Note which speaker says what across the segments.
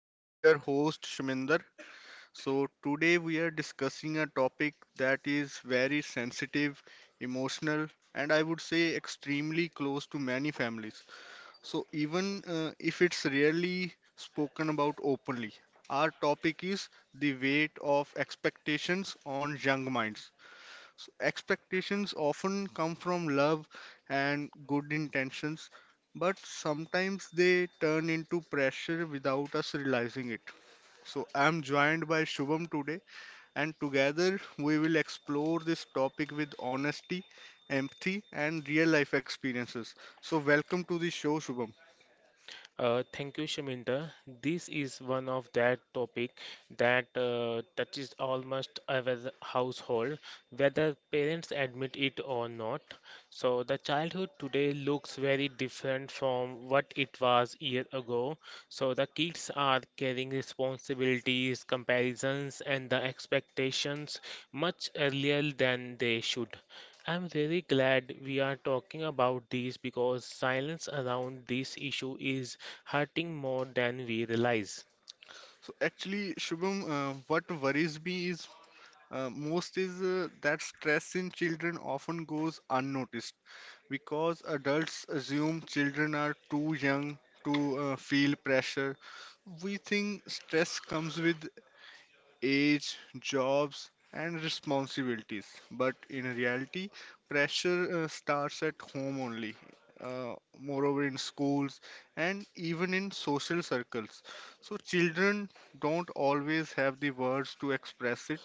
Speaker 1: It's your host Shaminder. So, today we are discussing a topic that is very sensitive, emotional, and I would say extremely close to many families. So, even if it's rarely spoken about openly, our topic is the weight of expectations on young minds. Expectations often come from love and good intentions, but sometimes they turn into pressure without us realizing it. So, I'm joined by Shubham today, and together we will explore this topic with honesty, empathy, and real life experiences. So, welcome to the show, Shubham.
Speaker 2: Thank you, Shaminda. This is one of that topic that touches almost every household, whether parents admit it or not. So the childhood today looks very different from what it was year ago. So the kids are carrying responsibilities, comparisons, and the expectations much earlier than they should. I'm really glad we are talking about these because silence around this issue is hurting more than we realize.
Speaker 1: So, actually, Shubham, what worries me is most is that stress in children often goes unnoticed. Because adults assume children are too young to feel pressure, we think stress comes with age, jobs, and responsibilities. But in reality, pressure starts at home only, uh, moreover, in schools and even in social circles. So, children don't always have the words to express it,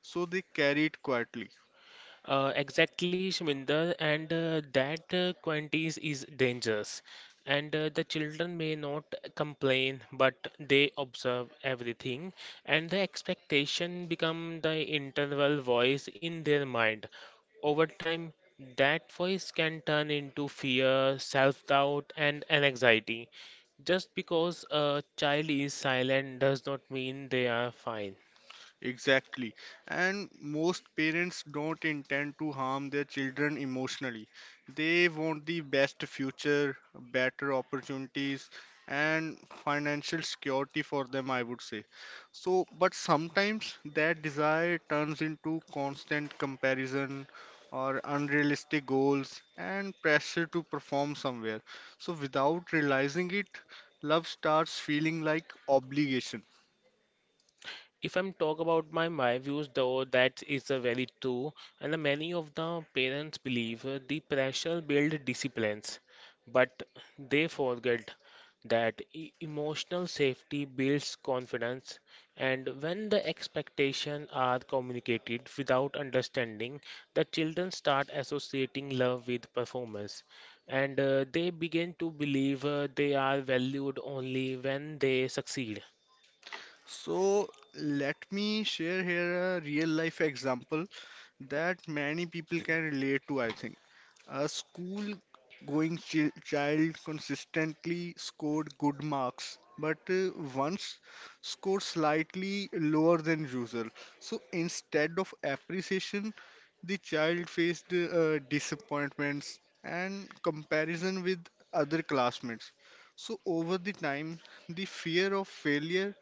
Speaker 1: so they carry it quietly.
Speaker 2: Exactly, Shminder, and that quantities is dangerous. And the children may not complain, but they observe everything, and the expectation become the internal voice in their mind. Over time, that voice can turn into fear, self doubt, and an anxiety. Just because a child is silent does not mean they are fine.
Speaker 1: Exactly. And most parents don't intend to harm their children emotionally. They want the best future, better opportunities, and financial security for them, I would say. So, but sometimes that desire turns into constant comparison or unrealistic goals and pressure to perform somewhere. So, without realizing it, love starts feeling like obligation.
Speaker 2: If I'm talk about my views though that is a very true and the many of the parents believe the pressure build disciplines but they forget that emotional safety builds confidence and when the expectations are communicated without understanding the children start associating love with performance and they begin to believe they are valued only when they succeed.
Speaker 1: So let me share here a real life example that many people can relate to, I think. A school going child consistently scored good marks, but once scored slightly lower than usual. So instead of appreciation, the child faced disappointments and comparison with other classmates. So over the time, the fear of failure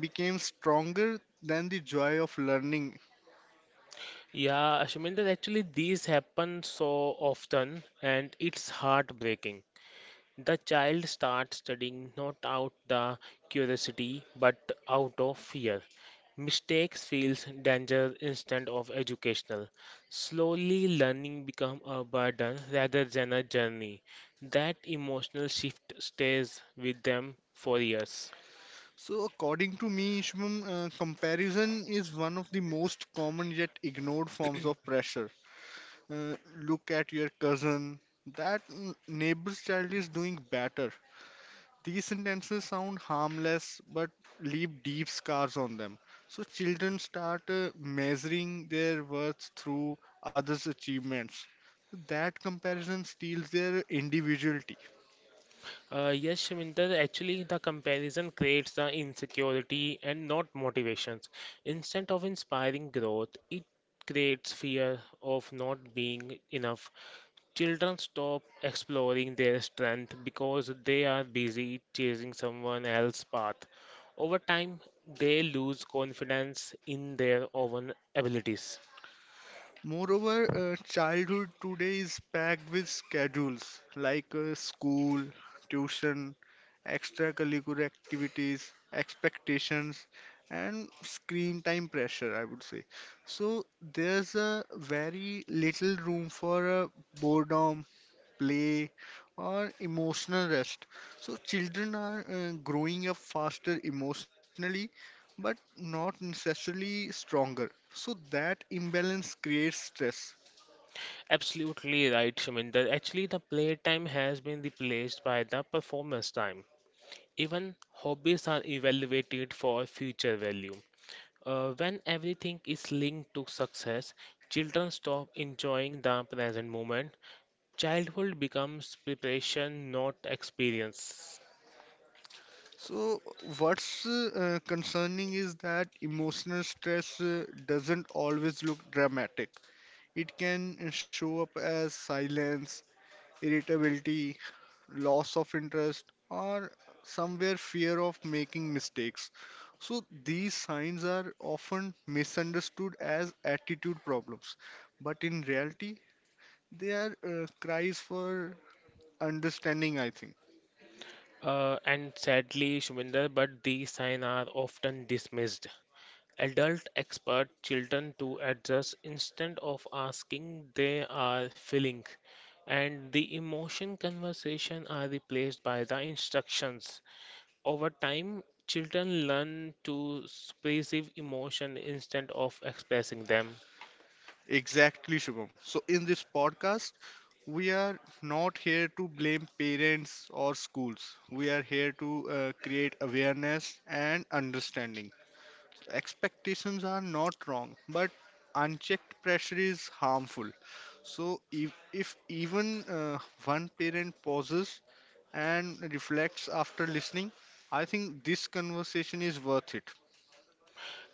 Speaker 1: became stronger than the joy of learning.
Speaker 2: Yeah, Ashminder, actually, these happen so often and it's heartbreaking. The child starts studying not out the curiosity but out of fear. Mistakes feels danger instead of educational. Slowly, learning become a burden rather than a journey. That emotional shift stays with them for years.
Speaker 1: So, according to me, Shubham, comparison is one of the most common yet ignored forms of pressure. Uh, look at your cousin, that neighbor's child is doing better. These sentences sound harmless but leave deep scars on them. So, children start measuring their worth through others' achievements. That comparison steals their individuality.
Speaker 2: Yes, Shminda, actually the comparison creates the insecurity and not motivations. Instead of inspiring growth, it creates fear of not being enough. Children stop exploring their strength because they are busy chasing someone else's path. Over time, they lose confidence in their own abilities.
Speaker 1: Moreover, childhood today is packed with schedules like school, tuition, extracurricular activities, expectations, and screen time pressure, I would say. So, there's a very little room for boredom play, or emotional rest. So children are growing up faster emotionally, but not necessarily stronger. So that imbalance creates stress.
Speaker 2: Absolutely right, Shminder. Actually, the playtime has been replaced by the performance time. Even hobbies are evaluated for future value. When everything is linked to success, children stop enjoying the present moment. Childhood becomes preparation, not experience.
Speaker 1: So what's concerning is that emotional stress doesn't always look dramatic. It can show up as silence, irritability, loss of interest, or somewhere fear of making mistakes. So these signs are often misunderstood as attitude problems, but in reality, they are cries for understanding, I think.
Speaker 2: And sadly, Shuminder, but these signs are often dismissed. Adult expert children to adjust instead of asking, they are feeling, and the emotion conversation are replaced by the instructions. Over time, children learn to suppressive emotion instead of expressing them.
Speaker 1: Exactly, Shubham. So in this podcast, we are not here to blame parents or schools. We are here to create awareness and understanding. Expectations are not wrong, but unchecked pressure is harmful. So if even one parent pauses and reflects after listening, I think this conversation is worth it.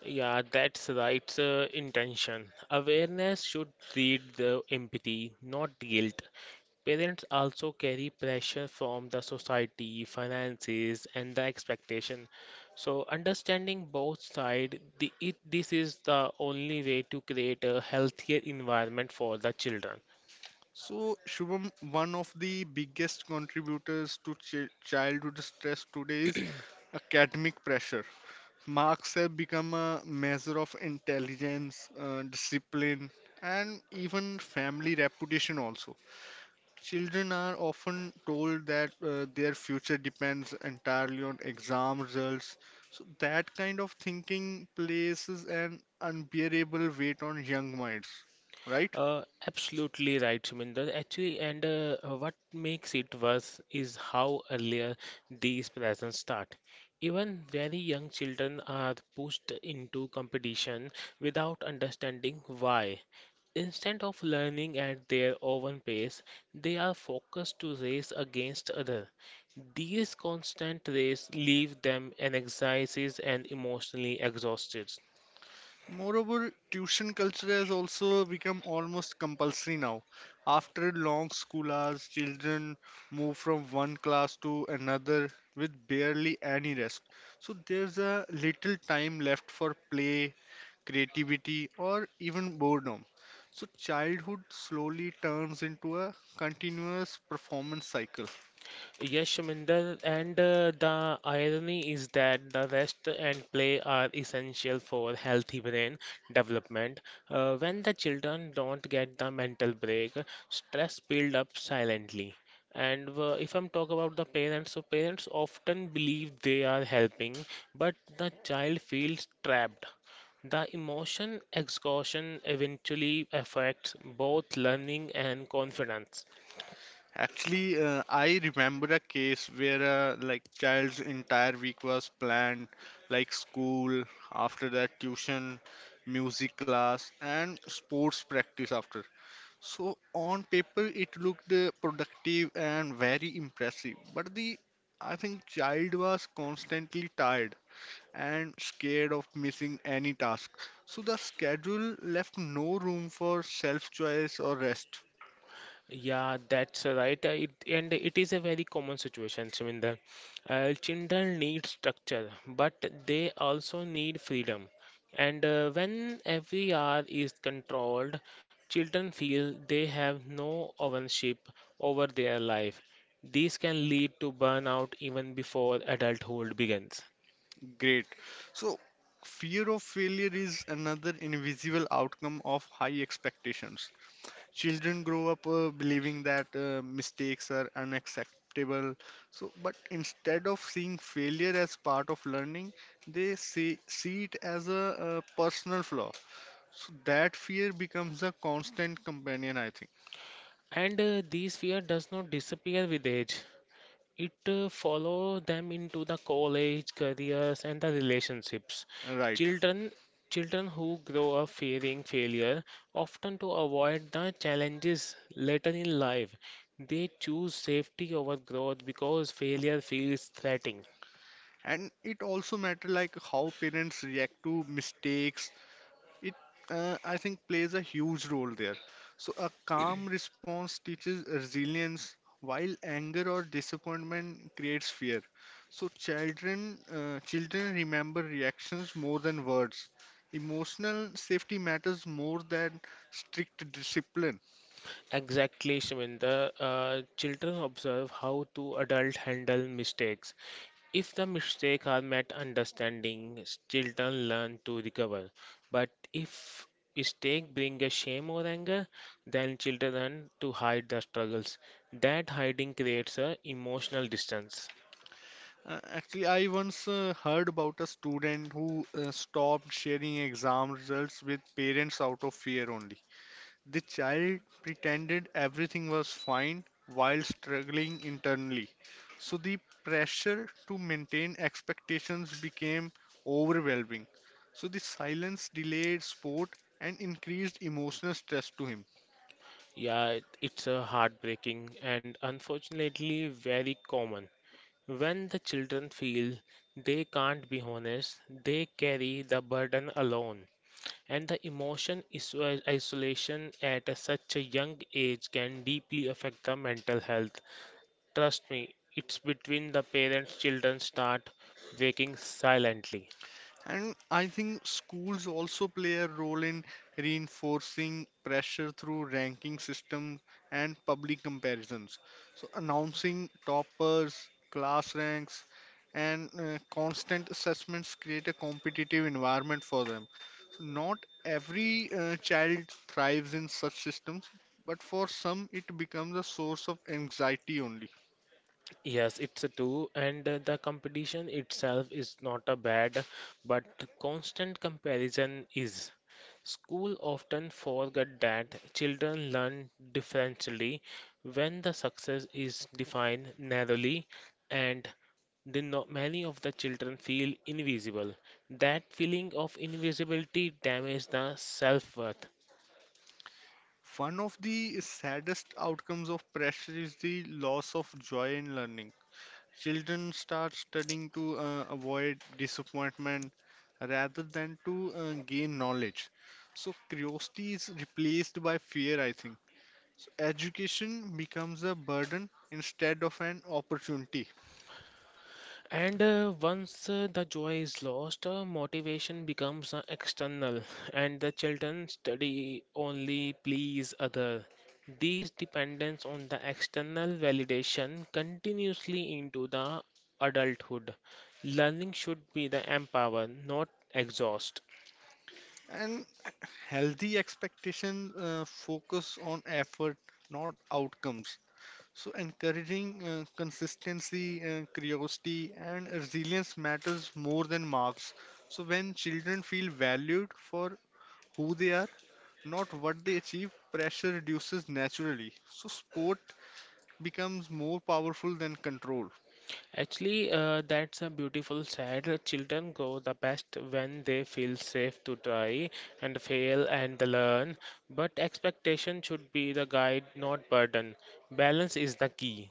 Speaker 2: Yeah, that's right, intention. Awareness should lead the empathy, not guilt. Parents also carry pressure from the society, finances, and the expectation. So, understanding both sides, the, it, this is the only way to create a healthier environment for the children.
Speaker 1: So Shubham, one of the biggest contributors to childhood stress today is academic pressure. Marks have become a measure of intelligence, discipline, and even family reputation also. Children are often told that their future depends entirely on exam results. So that kind of thinking places an unbearable weight on young minds, right?
Speaker 2: Absolutely right, Shuminder. Actually, and what makes it worse is how earlier these presents start. Even very young children are pushed into competition without understanding why. Instead of learning at their own pace, they are focused to race against others. These constant races leave them anxieties and emotionally exhausted.
Speaker 1: Moreover, tuition culture has also become almost compulsory now. After long school hours, children move from one class to another with barely any rest. So there's a little time left for play, creativity, or even boredom. So childhood slowly turns into a continuous performance cycle.
Speaker 2: Yes, Shaminder, and the irony is that the rest and play are essential for healthy brain development. When the children don't get the mental break, stress build up silently. And if I'm talk about the parents, so parents often believe they are helping, but the child feels trapped. The emotion exhaustion eventually affects both learning and confidence.
Speaker 1: Actually, I remember a case where like child's entire week was planned, like school, after that tuition, music class, and sports practice after. So on paper it looked productive and very impressive, but the I think child was constantly tired and scared of missing any task. So the schedule left no room for self-choice or rest.
Speaker 2: Yeah, that's right. And it is a very common situation, Shminder. Children need structure, but they also need freedom. And when every hour is controlled, children feel they have no ownership over their life. This can lead to burnout even before adulthood begins.
Speaker 1: Great. So, fear of failure is another invisible outcome of high expectations. Children grow up believing that mistakes are unacceptable. So, but instead of seeing failure as part of learning, they see it as a, personal flaw. So, that fear becomes a constant companion, I think.
Speaker 2: And this fear does not disappear with age. It follow them into the college, careers, and the relationships.
Speaker 1: Right.
Speaker 2: Children children who grow up fearing failure often to avoid the challenges later in life. They choose safety over growth because failure feels threatening.
Speaker 1: And it also matter like how parents react to mistakes. It, I think, plays a huge role there. So, a calm response teaches resilience, while anger or disappointment creates fear. So, children remember reactions more than words. Emotional safety matters more than strict discipline.
Speaker 2: Exactly, Shweta. Children observe how to adult handle mistakes. If the mistakes are met understanding, children learn to recover. But if mistake bring a shame or anger, then children learn to hide the struggles. That hiding creates a emotional distance.
Speaker 1: Actually, I once heard about a student who stopped sharing exam results with parents out of fear only. The child pretended everything was fine while struggling internally. So the pressure to maintain expectations became overwhelming. So the silence delayed sport and increased emotional stress to him.
Speaker 2: Yeah, it's a heartbreaking and unfortunately very common. When the children feel they can't be honest, they carry the burden alone. And the emotion is isolation at such a young age can deeply affect the mental health. Trust me, it's between the parents children start waking silently.
Speaker 1: And I think schools also play a role in reinforcing pressure through ranking system and public comparisons. So announcing toppers, class ranks, and constant assessments create a competitive environment for them. So not every child thrives in such systems, but for some it becomes a source of anxiety only.
Speaker 2: Yes, it's a two, and the competition itself is not a bad, but constant comparison is. School often forget that children learn differently when the success is defined narrowly, and the many of the children feel invisible. That feeling of invisibility damages the self-worth.
Speaker 1: One of the saddest outcomes of pressure is the loss of joy in learning. Children start studying to avoid disappointment rather than to gain knowledge. So curiosity is replaced by fear, I think. So education becomes a burden instead of an opportunity.
Speaker 2: And once the joy is lost, motivation becomes external, and the children study only please other. These dependence on the external validation continuously into the adulthood. Learning should be the empower, not exhaust.
Speaker 1: And healthy expectations focus on effort, not outcomes. So encouraging consistency, curiosity, and resilience matters more than marks. So when children feel valued for who they are, not what they achieve, pressure reduces naturally. So sport becomes more powerful than control.
Speaker 2: Actually, that's a beautiful side. Children grow the best when they feel safe to try and fail and learn. But expectation should be the guide, not burden. Balance is the key.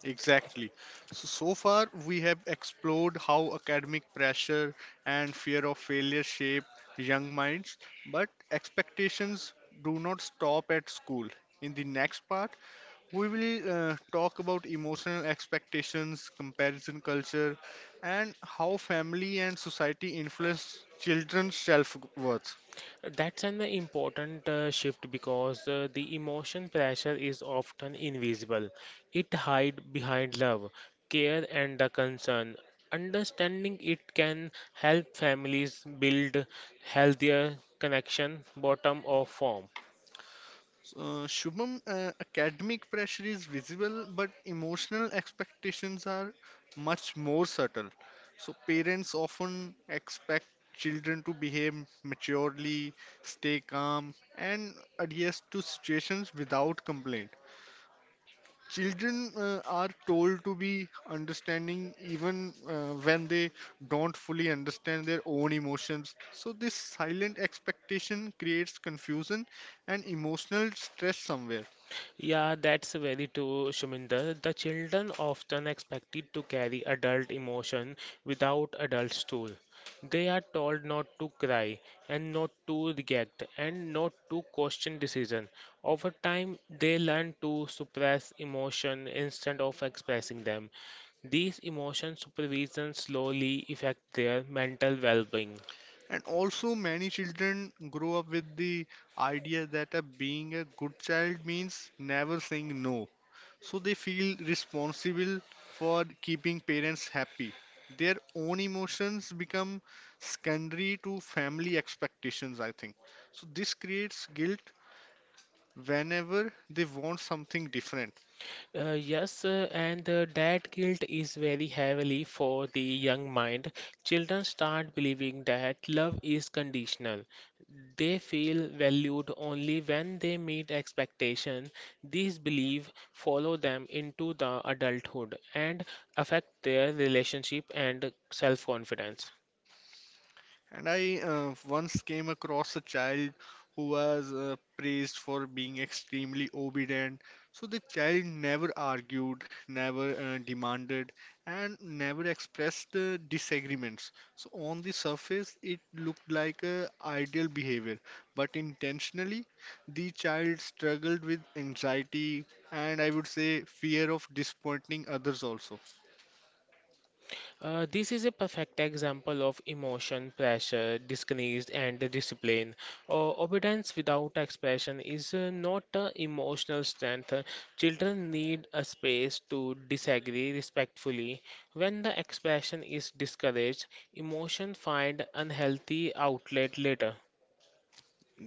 Speaker 1: Exactly. So, so far, we have explored how academic pressure and fear of failure shape young minds, but expectations do not stop at school. In the next part, we will talk about emotional expectations, comparison culture, and how family and society influence children's self worth.
Speaker 2: That's an important shift because the emotion pressure is often invisible. It hides behind love, care, and the concern. Understanding it can help families build healthier connection bottom of form.
Speaker 1: Shubham, academic pressure is visible, but emotional expectations are much more subtle. So, parents often expect children to behave maturely, stay calm, and adhere to situations without complaint. Children are told to be understanding even when they don't fully understand their own emotions. So, this silent expectation creates confusion and emotional stress somewhere.
Speaker 2: Yeah, that's very true, Shuminder. The children often expected to carry adult emotion without adults' tool. They are told not to cry and not to react and not to question decision. Over time, they learn to suppress emotion instead of expressing them. These emotion supervision slowly affect their mental well-being.
Speaker 1: And also, many children grow up with the idea that being a good child means never saying no. So they feel responsible for keeping parents happy. Their own emotions become secondary to family expectations, I think. So this creates guilt whenever they want something different.
Speaker 2: Yes, and that guilt is very heavily for the young mind. Children start believing that love is conditional. They feel valued only when they meet expectation. These beliefs follow them into the adulthood and affect their relationship and self-confidence.
Speaker 1: And I once came across a child who was praised for being extremely obedient. So the child never argued, never demanded, and never expressed disagreements. So on the surface, it looked like a ideal behavior, but intentionally, the child struggled with anxiety and I would say fear of disappointing others also.
Speaker 2: This is a perfect example of emotion, pressure, disguise, and the discipline. Obedience without expression is not emotional strength. Children need a space to disagree respectfully. When the expression is discouraged, emotion find unhealthy outlet later.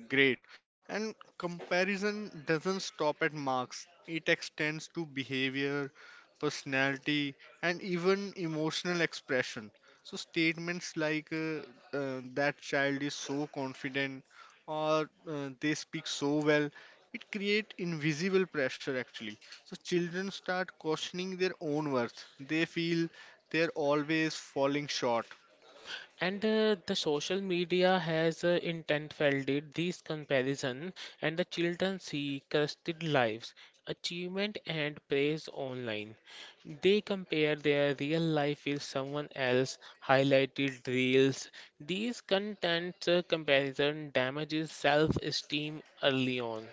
Speaker 1: Great. And comparison doesn't stop at marks, it extends to behavior, personality, and even emotional expression. So, statements like that child is so confident or they speak so well, it create invisible pressure actually. So, children start questioning their own worth, they feel they're always falling short.
Speaker 2: And the social media has intensified these comparison, and the children see crested lives, achievement, and praise online. They compare their real life with someone else highlighted reels. These content comparison damages self-esteem early on.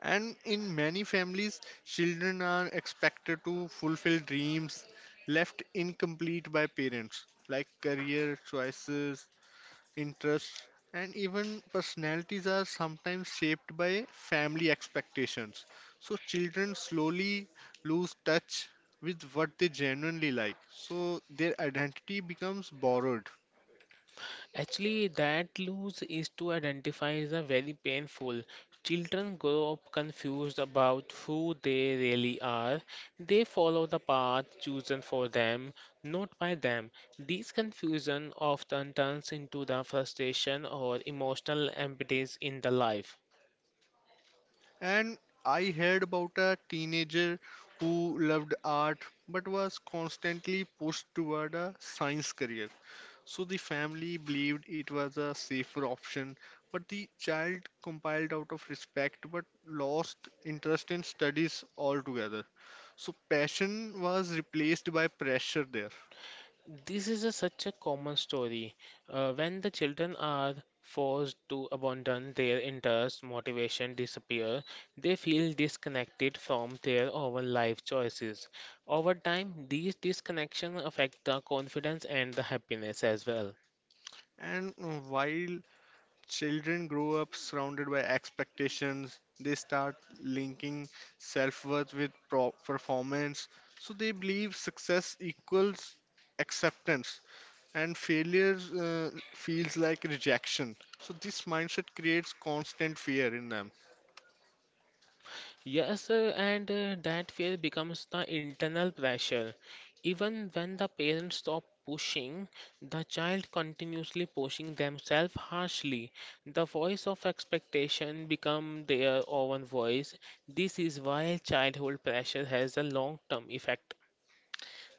Speaker 1: And in many families, children are expected to fulfill dreams left incomplete by parents, like career choices, interests, and even personalities are sometimes shaped by family expectations. So children slowly lose touch with what they genuinely like. So their identity becomes borrowed.
Speaker 2: Actually, that loss is to identify is a very painful. Children grow up confused about who they really are. They follow the path chosen for them, not by them. This confusion often turns into the frustration or emotional emptiness in the life.
Speaker 1: And I heard about a teenager who loved art but was constantly pushed toward a science career. So the family believed it was a safer option, but the child compiled out of respect but lost interest in studies altogether. So passion was replaced by pressure there.
Speaker 2: This is a, such a common story. When the children are forced to abandon their interests, motivation disappear. They feel disconnected from their own life choices. Over time, these disconnections affect the confidence and the happiness as well.
Speaker 1: And while Children grow up surrounded by expectations. They start linking self worth with performance. So they believe success equals acceptance and failure feels like rejection. So this mindset creates constant fear in them.
Speaker 2: Yes, and that fear becomes the internal pressure. Even when the parents stop pushing, the child continuously pushing themselves harshly. The voice of expectation become their own voice. This is why childhood pressure has a long-term effect.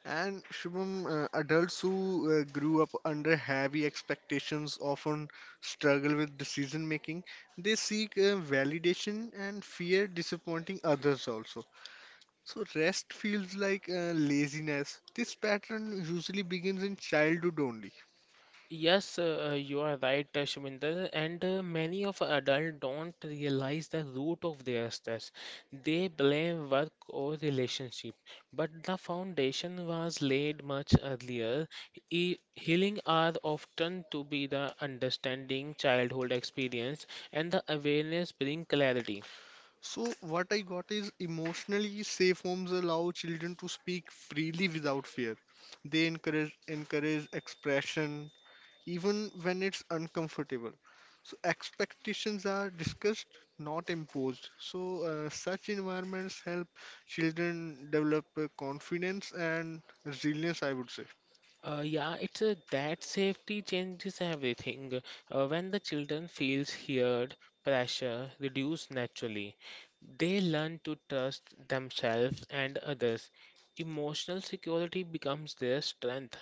Speaker 1: And Shubham, adults who grew up under heavy expectations often struggle with decision making. They seek validation and fear disappointing others also. So rest feels like laziness. This pattern usually begins in childhood only.
Speaker 2: Yes, you are right, Shminder, and many of adults don't realize the root of their stress. They blame work or relationship, but the foundation was laid much earlier. E healing are often to be the understanding childhood experience, and the awareness bring clarity.
Speaker 1: So what I got is emotionally safe homes allow children to speak freely without fear. They encourage expression even when it's uncomfortable. So expectations are discussed, not imposed. So such environments help children develop confidence and resilience, I would say.
Speaker 2: Yeah, it's a, that safety changes everything. When the children feels heard, pressure reduce naturally. They learn to trust themselves and others. Emotional security becomes their strength.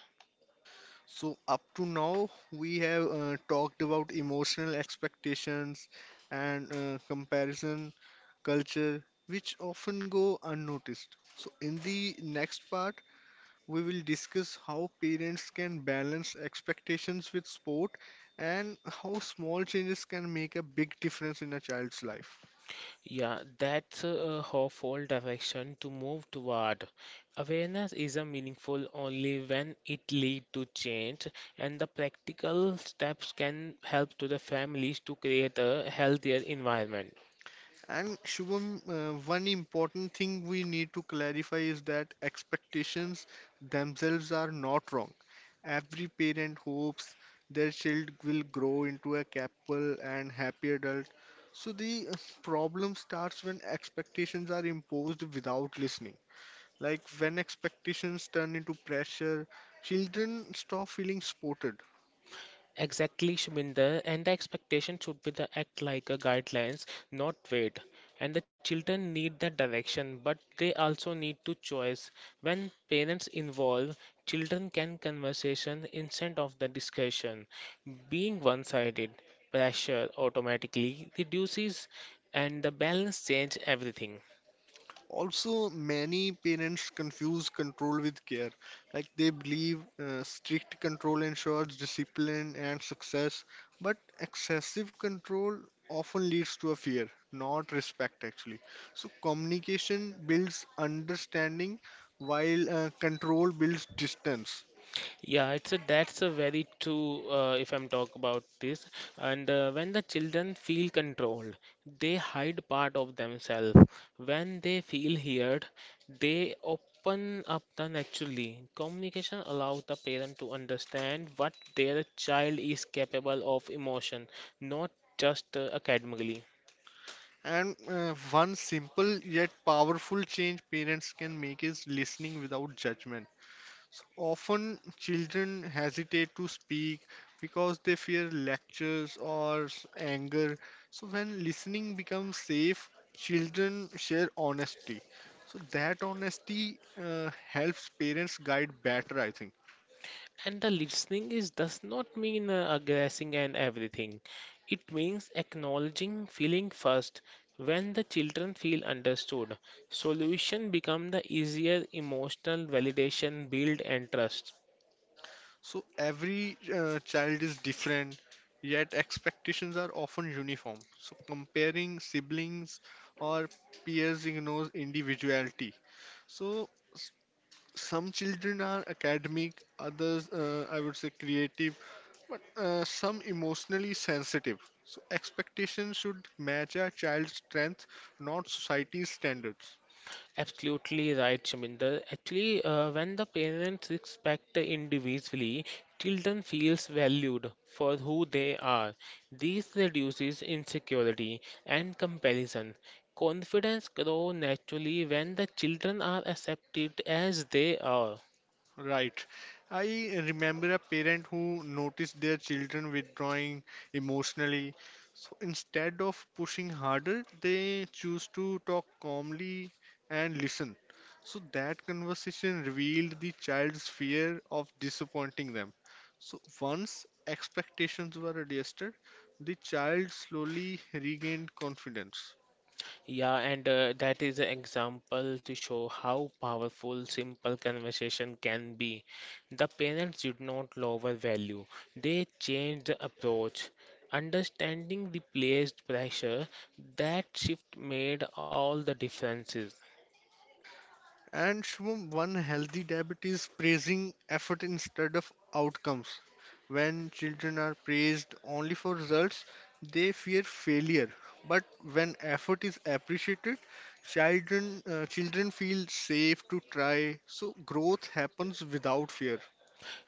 Speaker 1: So, up to now, we have talked about emotional expectations and comparison culture, which often go unnoticed. So, in the next part, we will discuss how parents can balance expectations with sport and how small changes can make a big difference in a child's life.
Speaker 2: Yeah, that's a, hopeful direction to move toward. Awareness is a meaningful only when it leads to change, and the practical steps can help to the families to create a healthier environment.
Speaker 1: And Shubham, one important thing we need to clarify is that expectations themselves are not wrong. Every parent hopes their child will grow into a capable and happy adult. So the problem starts when expectations are imposed without listening. Like when expectations turn into pressure, children stop feeling supported.
Speaker 2: Exactly, Shminder, and the expectation should be the act like a guidelines, not weight. And the children need the direction, but they also need to choice. When parents involve, children can conversation instead of the discussion. Being one-sided, pressure automatically reduces, and the balance change everything.
Speaker 1: Also, many parents confuse control with care. Like they believe strict control ensures discipline and success, but excessive control often leads to a fear, not respect actually. So, communication builds understanding while control builds distance.
Speaker 2: Yeah, it's a that's a very true if I'm talk about this. And when the children feel controlled, they hide part of themselves. When they feel heard, they open up the naturally. Communication allows the parent to understand what their child is capable of emotion, not just academically.
Speaker 1: And one simple yet powerful change parents can make is listening without judgment. So often children hesitate to speak because they fear lectures or anger. So when listening becomes safe, children share honesty. So that honesty helps parents guide better, I think.
Speaker 2: And the listening is does not mean aggressing and everything. It means acknowledging feeling first. When the children feel understood, solution become the easier emotional validation build and trust.
Speaker 1: So every child is different, yet expectations are often uniform. So comparing siblings or peers ignores individuality. So some children are academic, others I would say creative, but some emotionally sensitive, so expectations should match a child's strength, not society's standards.
Speaker 2: Absolutely right, Shaminder. Actually, when the parents respect the individually, children feels valued for who they are. This reduces insecurity and comparison. Confidence grows naturally when the children are accepted as they are.
Speaker 1: Right. I remember a parent who noticed their children withdrawing emotionally. So instead of pushing harder, they choose to talk calmly and listen. So that conversation revealed the child's fear of disappointing them. So once expectations were adjusted, the child slowly regained confidence.
Speaker 2: Yeah, and that is an example to show how powerful simple conversation can be. The parents did not lower value, they changed the approach. Understanding replaced pressure, that shift made all the differences.
Speaker 1: And Shubham, one healthy debate is praising effort instead of outcomes. When children are praised only for results, they fear failure. But when effort is appreciated, children feel safe to try. So growth happens without fear.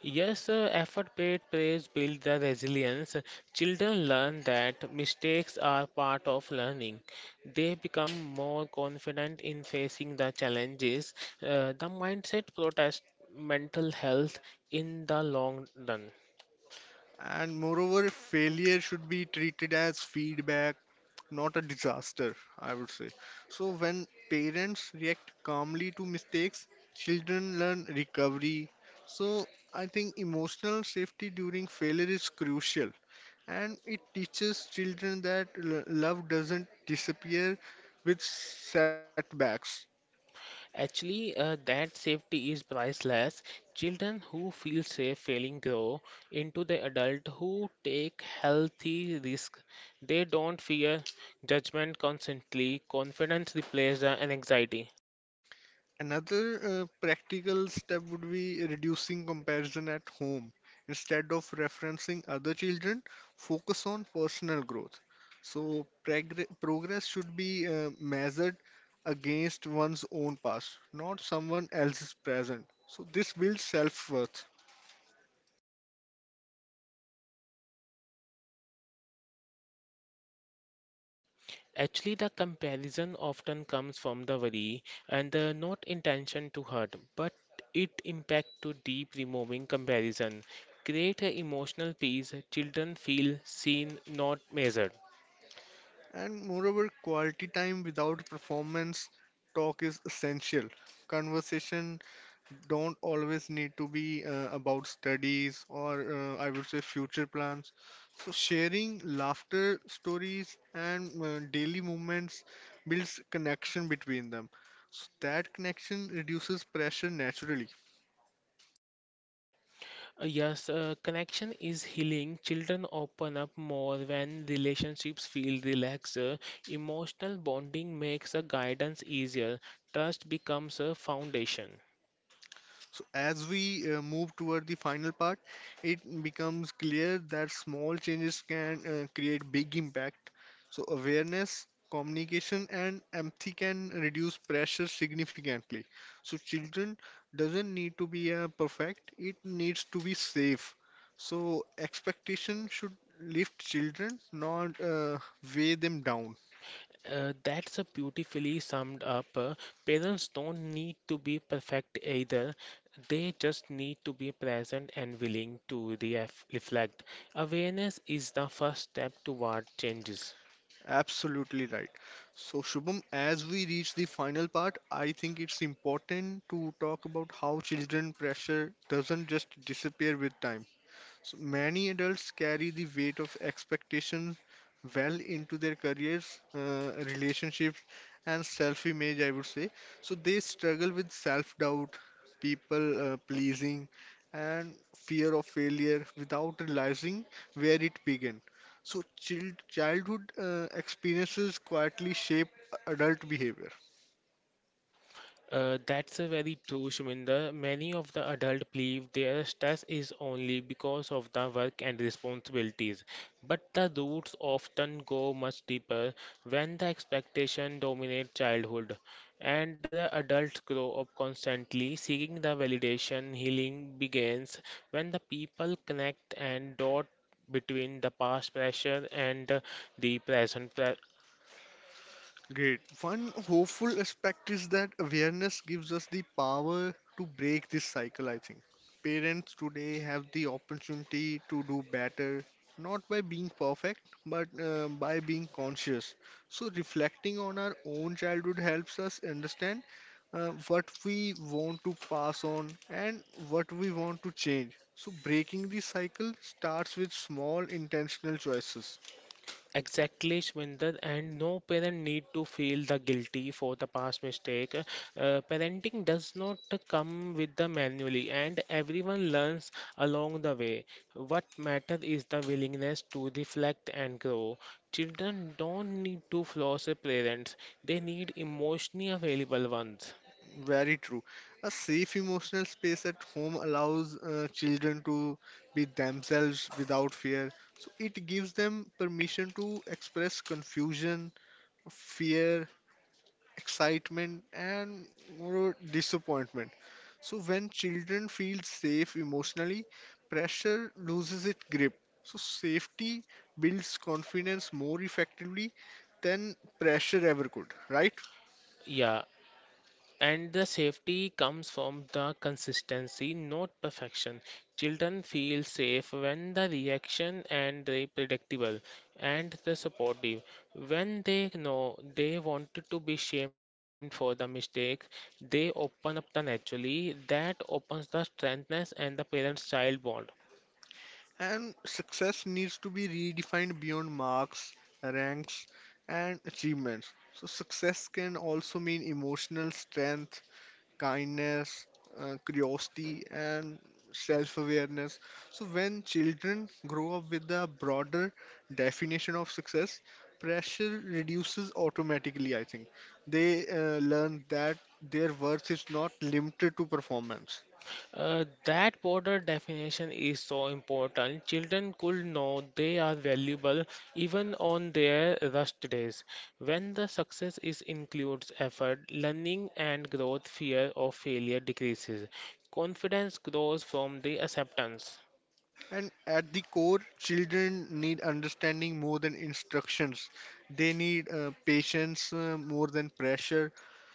Speaker 2: Yes, effort paid praise build the resilience. Children learn that mistakes are part of learning. They become more confident in facing the challenges. The mindset protects mental health in the long run.
Speaker 1: And moreover, failure should be treated as feedback, not a disaster, I would say. So, when parents react calmly to mistakes, children learn recovery. So, I think emotional safety during failure is crucial, and it teaches children that love doesn't disappear with setbacks.
Speaker 2: Actually, that safety is priceless. Children who feel safe failing grow into the adult who take healthy risk. They don't fear judgment constantly. Confidence replaces the anxiety.
Speaker 1: Another practical step would be reducing comparison at home. Instead of referencing other children, focus on personal growth. So, progress should be measured against one's own past, not someone else's present. So, this builds self worth.
Speaker 2: Actually, the comparison often comes from the worry and the not intention to hurt, but it impact to deep removing comparison. Create a emotional peace. Children feel seen, not measured.
Speaker 1: And moreover, quality time without performance talk is essential. Conversation don't always need to be about studies or I would say future plans. So sharing laughter stories and daily moments builds connection between them. So that connection reduces pressure naturally.
Speaker 2: Yes, connection is healing. Children open up more when relationships feel relaxed. Emotional bonding makes a guidance easier. Trust becomes a foundation.
Speaker 1: So as we move toward the final part, it becomes clear that small changes can create big impact. So awareness, communication, and empathy can reduce pressure significantly. So children doesn't need to be perfect; it needs to be safe. So expectation should lift children, not weigh them down.
Speaker 2: That's a beautifully summed up. Parents don't need to be perfect either. They just need to be present and willing to reflect. Awareness is the first step toward changes.
Speaker 1: Absolutely right. So, Shubham, as we reach the final part, I think it's important to talk about how children pressure doesn't just disappear with time. So many adults carry the weight of expectations well into their careers, relationships, and self-image, I would say. So they struggle with self-doubt, people pleasing, and fear of failure without realizing where it began. So childhood experiences quietly shape adult behavior.
Speaker 2: That's a very true, Shuminder. Many of the adults believe their stress is only because of the work and responsibilities, but the roots often go much deeper when the expectation dominate childhood, and the adults grow up constantly seeking the validation. Healing begins when the people connect and dot between the past pressure and the present.
Speaker 1: Great. One hopeful aspect is that awareness gives us the power to break this cycle, I think. Parents today have the opportunity to do better, not by being perfect, but by being conscious. So, reflecting on our own childhood helps us understand what we want to pass on and what we want to change. So, breaking the cycle starts with small intentional choices.
Speaker 2: Exactly, Shwinder, and no parent need to feel the guilty for the past mistake. Parenting does not come with the manually, and everyone learns along the way. What matters is the willingness to reflect and grow. Children don't need to floss a parents; they need emotionally available ones.
Speaker 1: Very true. A safe emotional space at home allows children to be themselves without fear. So it gives them permission to express confusion, fear, excitement, and moreover, disappointment. So when children feel safe emotionally, pressure loses its grip. So safety builds confidence more effectively than pressure ever could, right?
Speaker 2: Yeah, and the safety comes from the consistency, not perfection. Children feel safe when the reaction and the predictable and the supportive. When they know they wanted to be shamed for the mistake, they open up the naturally. That opens the strengthness and the parent-child bond.
Speaker 1: And success needs to be redefined beyond marks, ranks, and achievements. So, success can also mean emotional strength, kindness, curiosity, and self awareness. So, when children grow up with a broader definition of success, pressure reduces automatically, I think. They learn that their worth is not limited to performance.
Speaker 2: That border definition is so important. Children could know they are valuable even on their rust days. When the success is includes effort, learning and growth, fear of failure decreases. Confidence grows from the acceptance.
Speaker 1: And at the core, children need understanding more than instructions. They need patience more than pressure.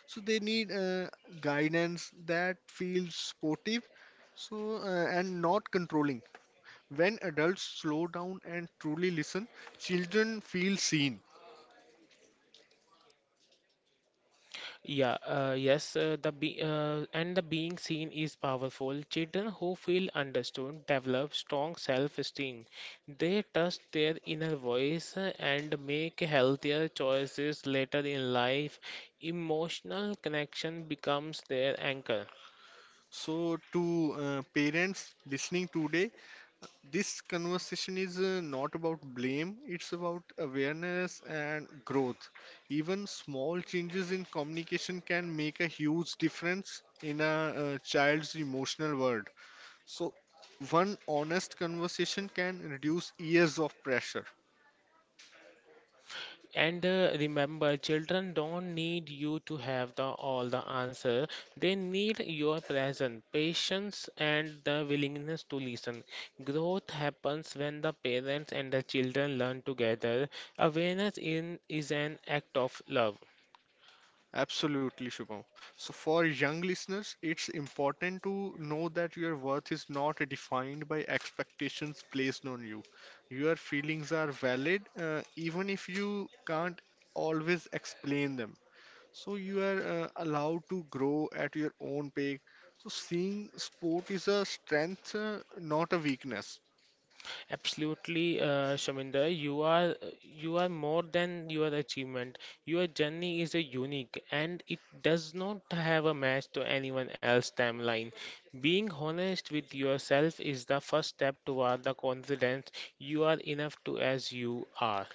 Speaker 1: So they need guidance that feels supportive, so and not controlling. When adults slow down and truly listen, children feel seen.
Speaker 2: Yeah, yes, the be And the being seen is powerful. Children who feel understood develop strong self-esteem. They trust their inner voice and make healthier choices later in life. Emotional connection becomes their anchor.
Speaker 1: So to parents listening today, this conversation is not about blame, it's about awareness and growth. Even small changes in communication can make a huge difference in a child's emotional world. So, one honest conversation can reduce years of pressure.
Speaker 2: And remember, children don't need you to have the all the answer. They need your presence, patience, and the willingness to listen. Growth happens when the parents and the children learn together. Awareness in is an act of love.
Speaker 1: Absolutely, Shubham. So, for young listeners, it's important to know that your worth is not defined by expectations placed on you. Your feelings are valid, even if you can't always explain them. So, you are allowed to grow at your own pace. So, seeing sport is a strength, not a weakness.
Speaker 2: Absolutely, Shaminder, you are more than your achievement. Your journey is a unique, and it does not have a match to anyone else's timeline. Being honest with yourself is the first step toward the confidence you are enough to as you are.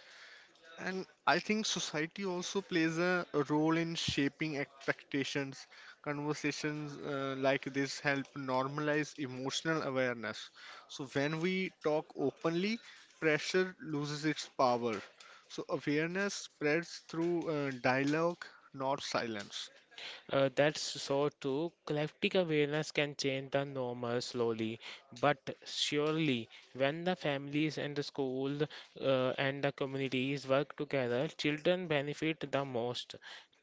Speaker 1: And I think society also plays a role in shaping expectations. Conversations like this help normalize emotional awareness. So when we talk openly, pressure loses its power. So awareness spreads through dialogue, not silence.
Speaker 2: That's so too. Collective awareness can change the normal slowly, but surely. When the families and the school and the communities work together, children benefit the most.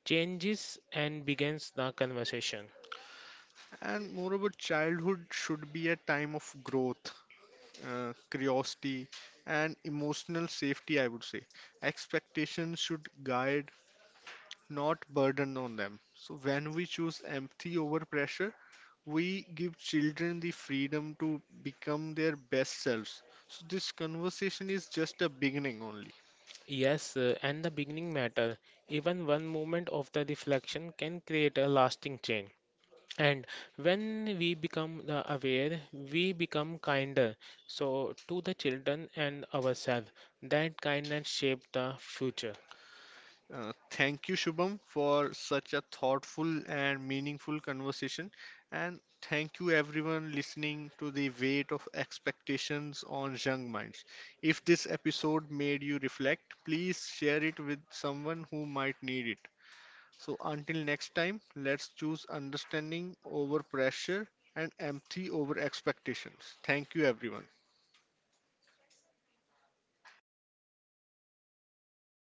Speaker 2: Changes and begins the conversation.
Speaker 1: And moreover, childhood should be a time of growth, curiosity, and emotional safety, I would say. Expectations should guide, not burden on them. So when we choose empathy over pressure, we give children the freedom to become their best selves. So this conversation is just a beginning only.
Speaker 2: Yes, and the beginning matter. Even one moment of the reflection can create a lasting change. And when we become the aware, we become kinder. So to the children and ourselves, that kindness shape the future.
Speaker 1: Thank you, Shubham, for such a thoughtful and meaningful conversation. And thank you, everyone, listening to the weight of expectations on young minds. If this episode made you reflect, please share it with someone who might need it. So until next time, let's choose understanding over pressure and empathy over expectations. Thank you, everyone.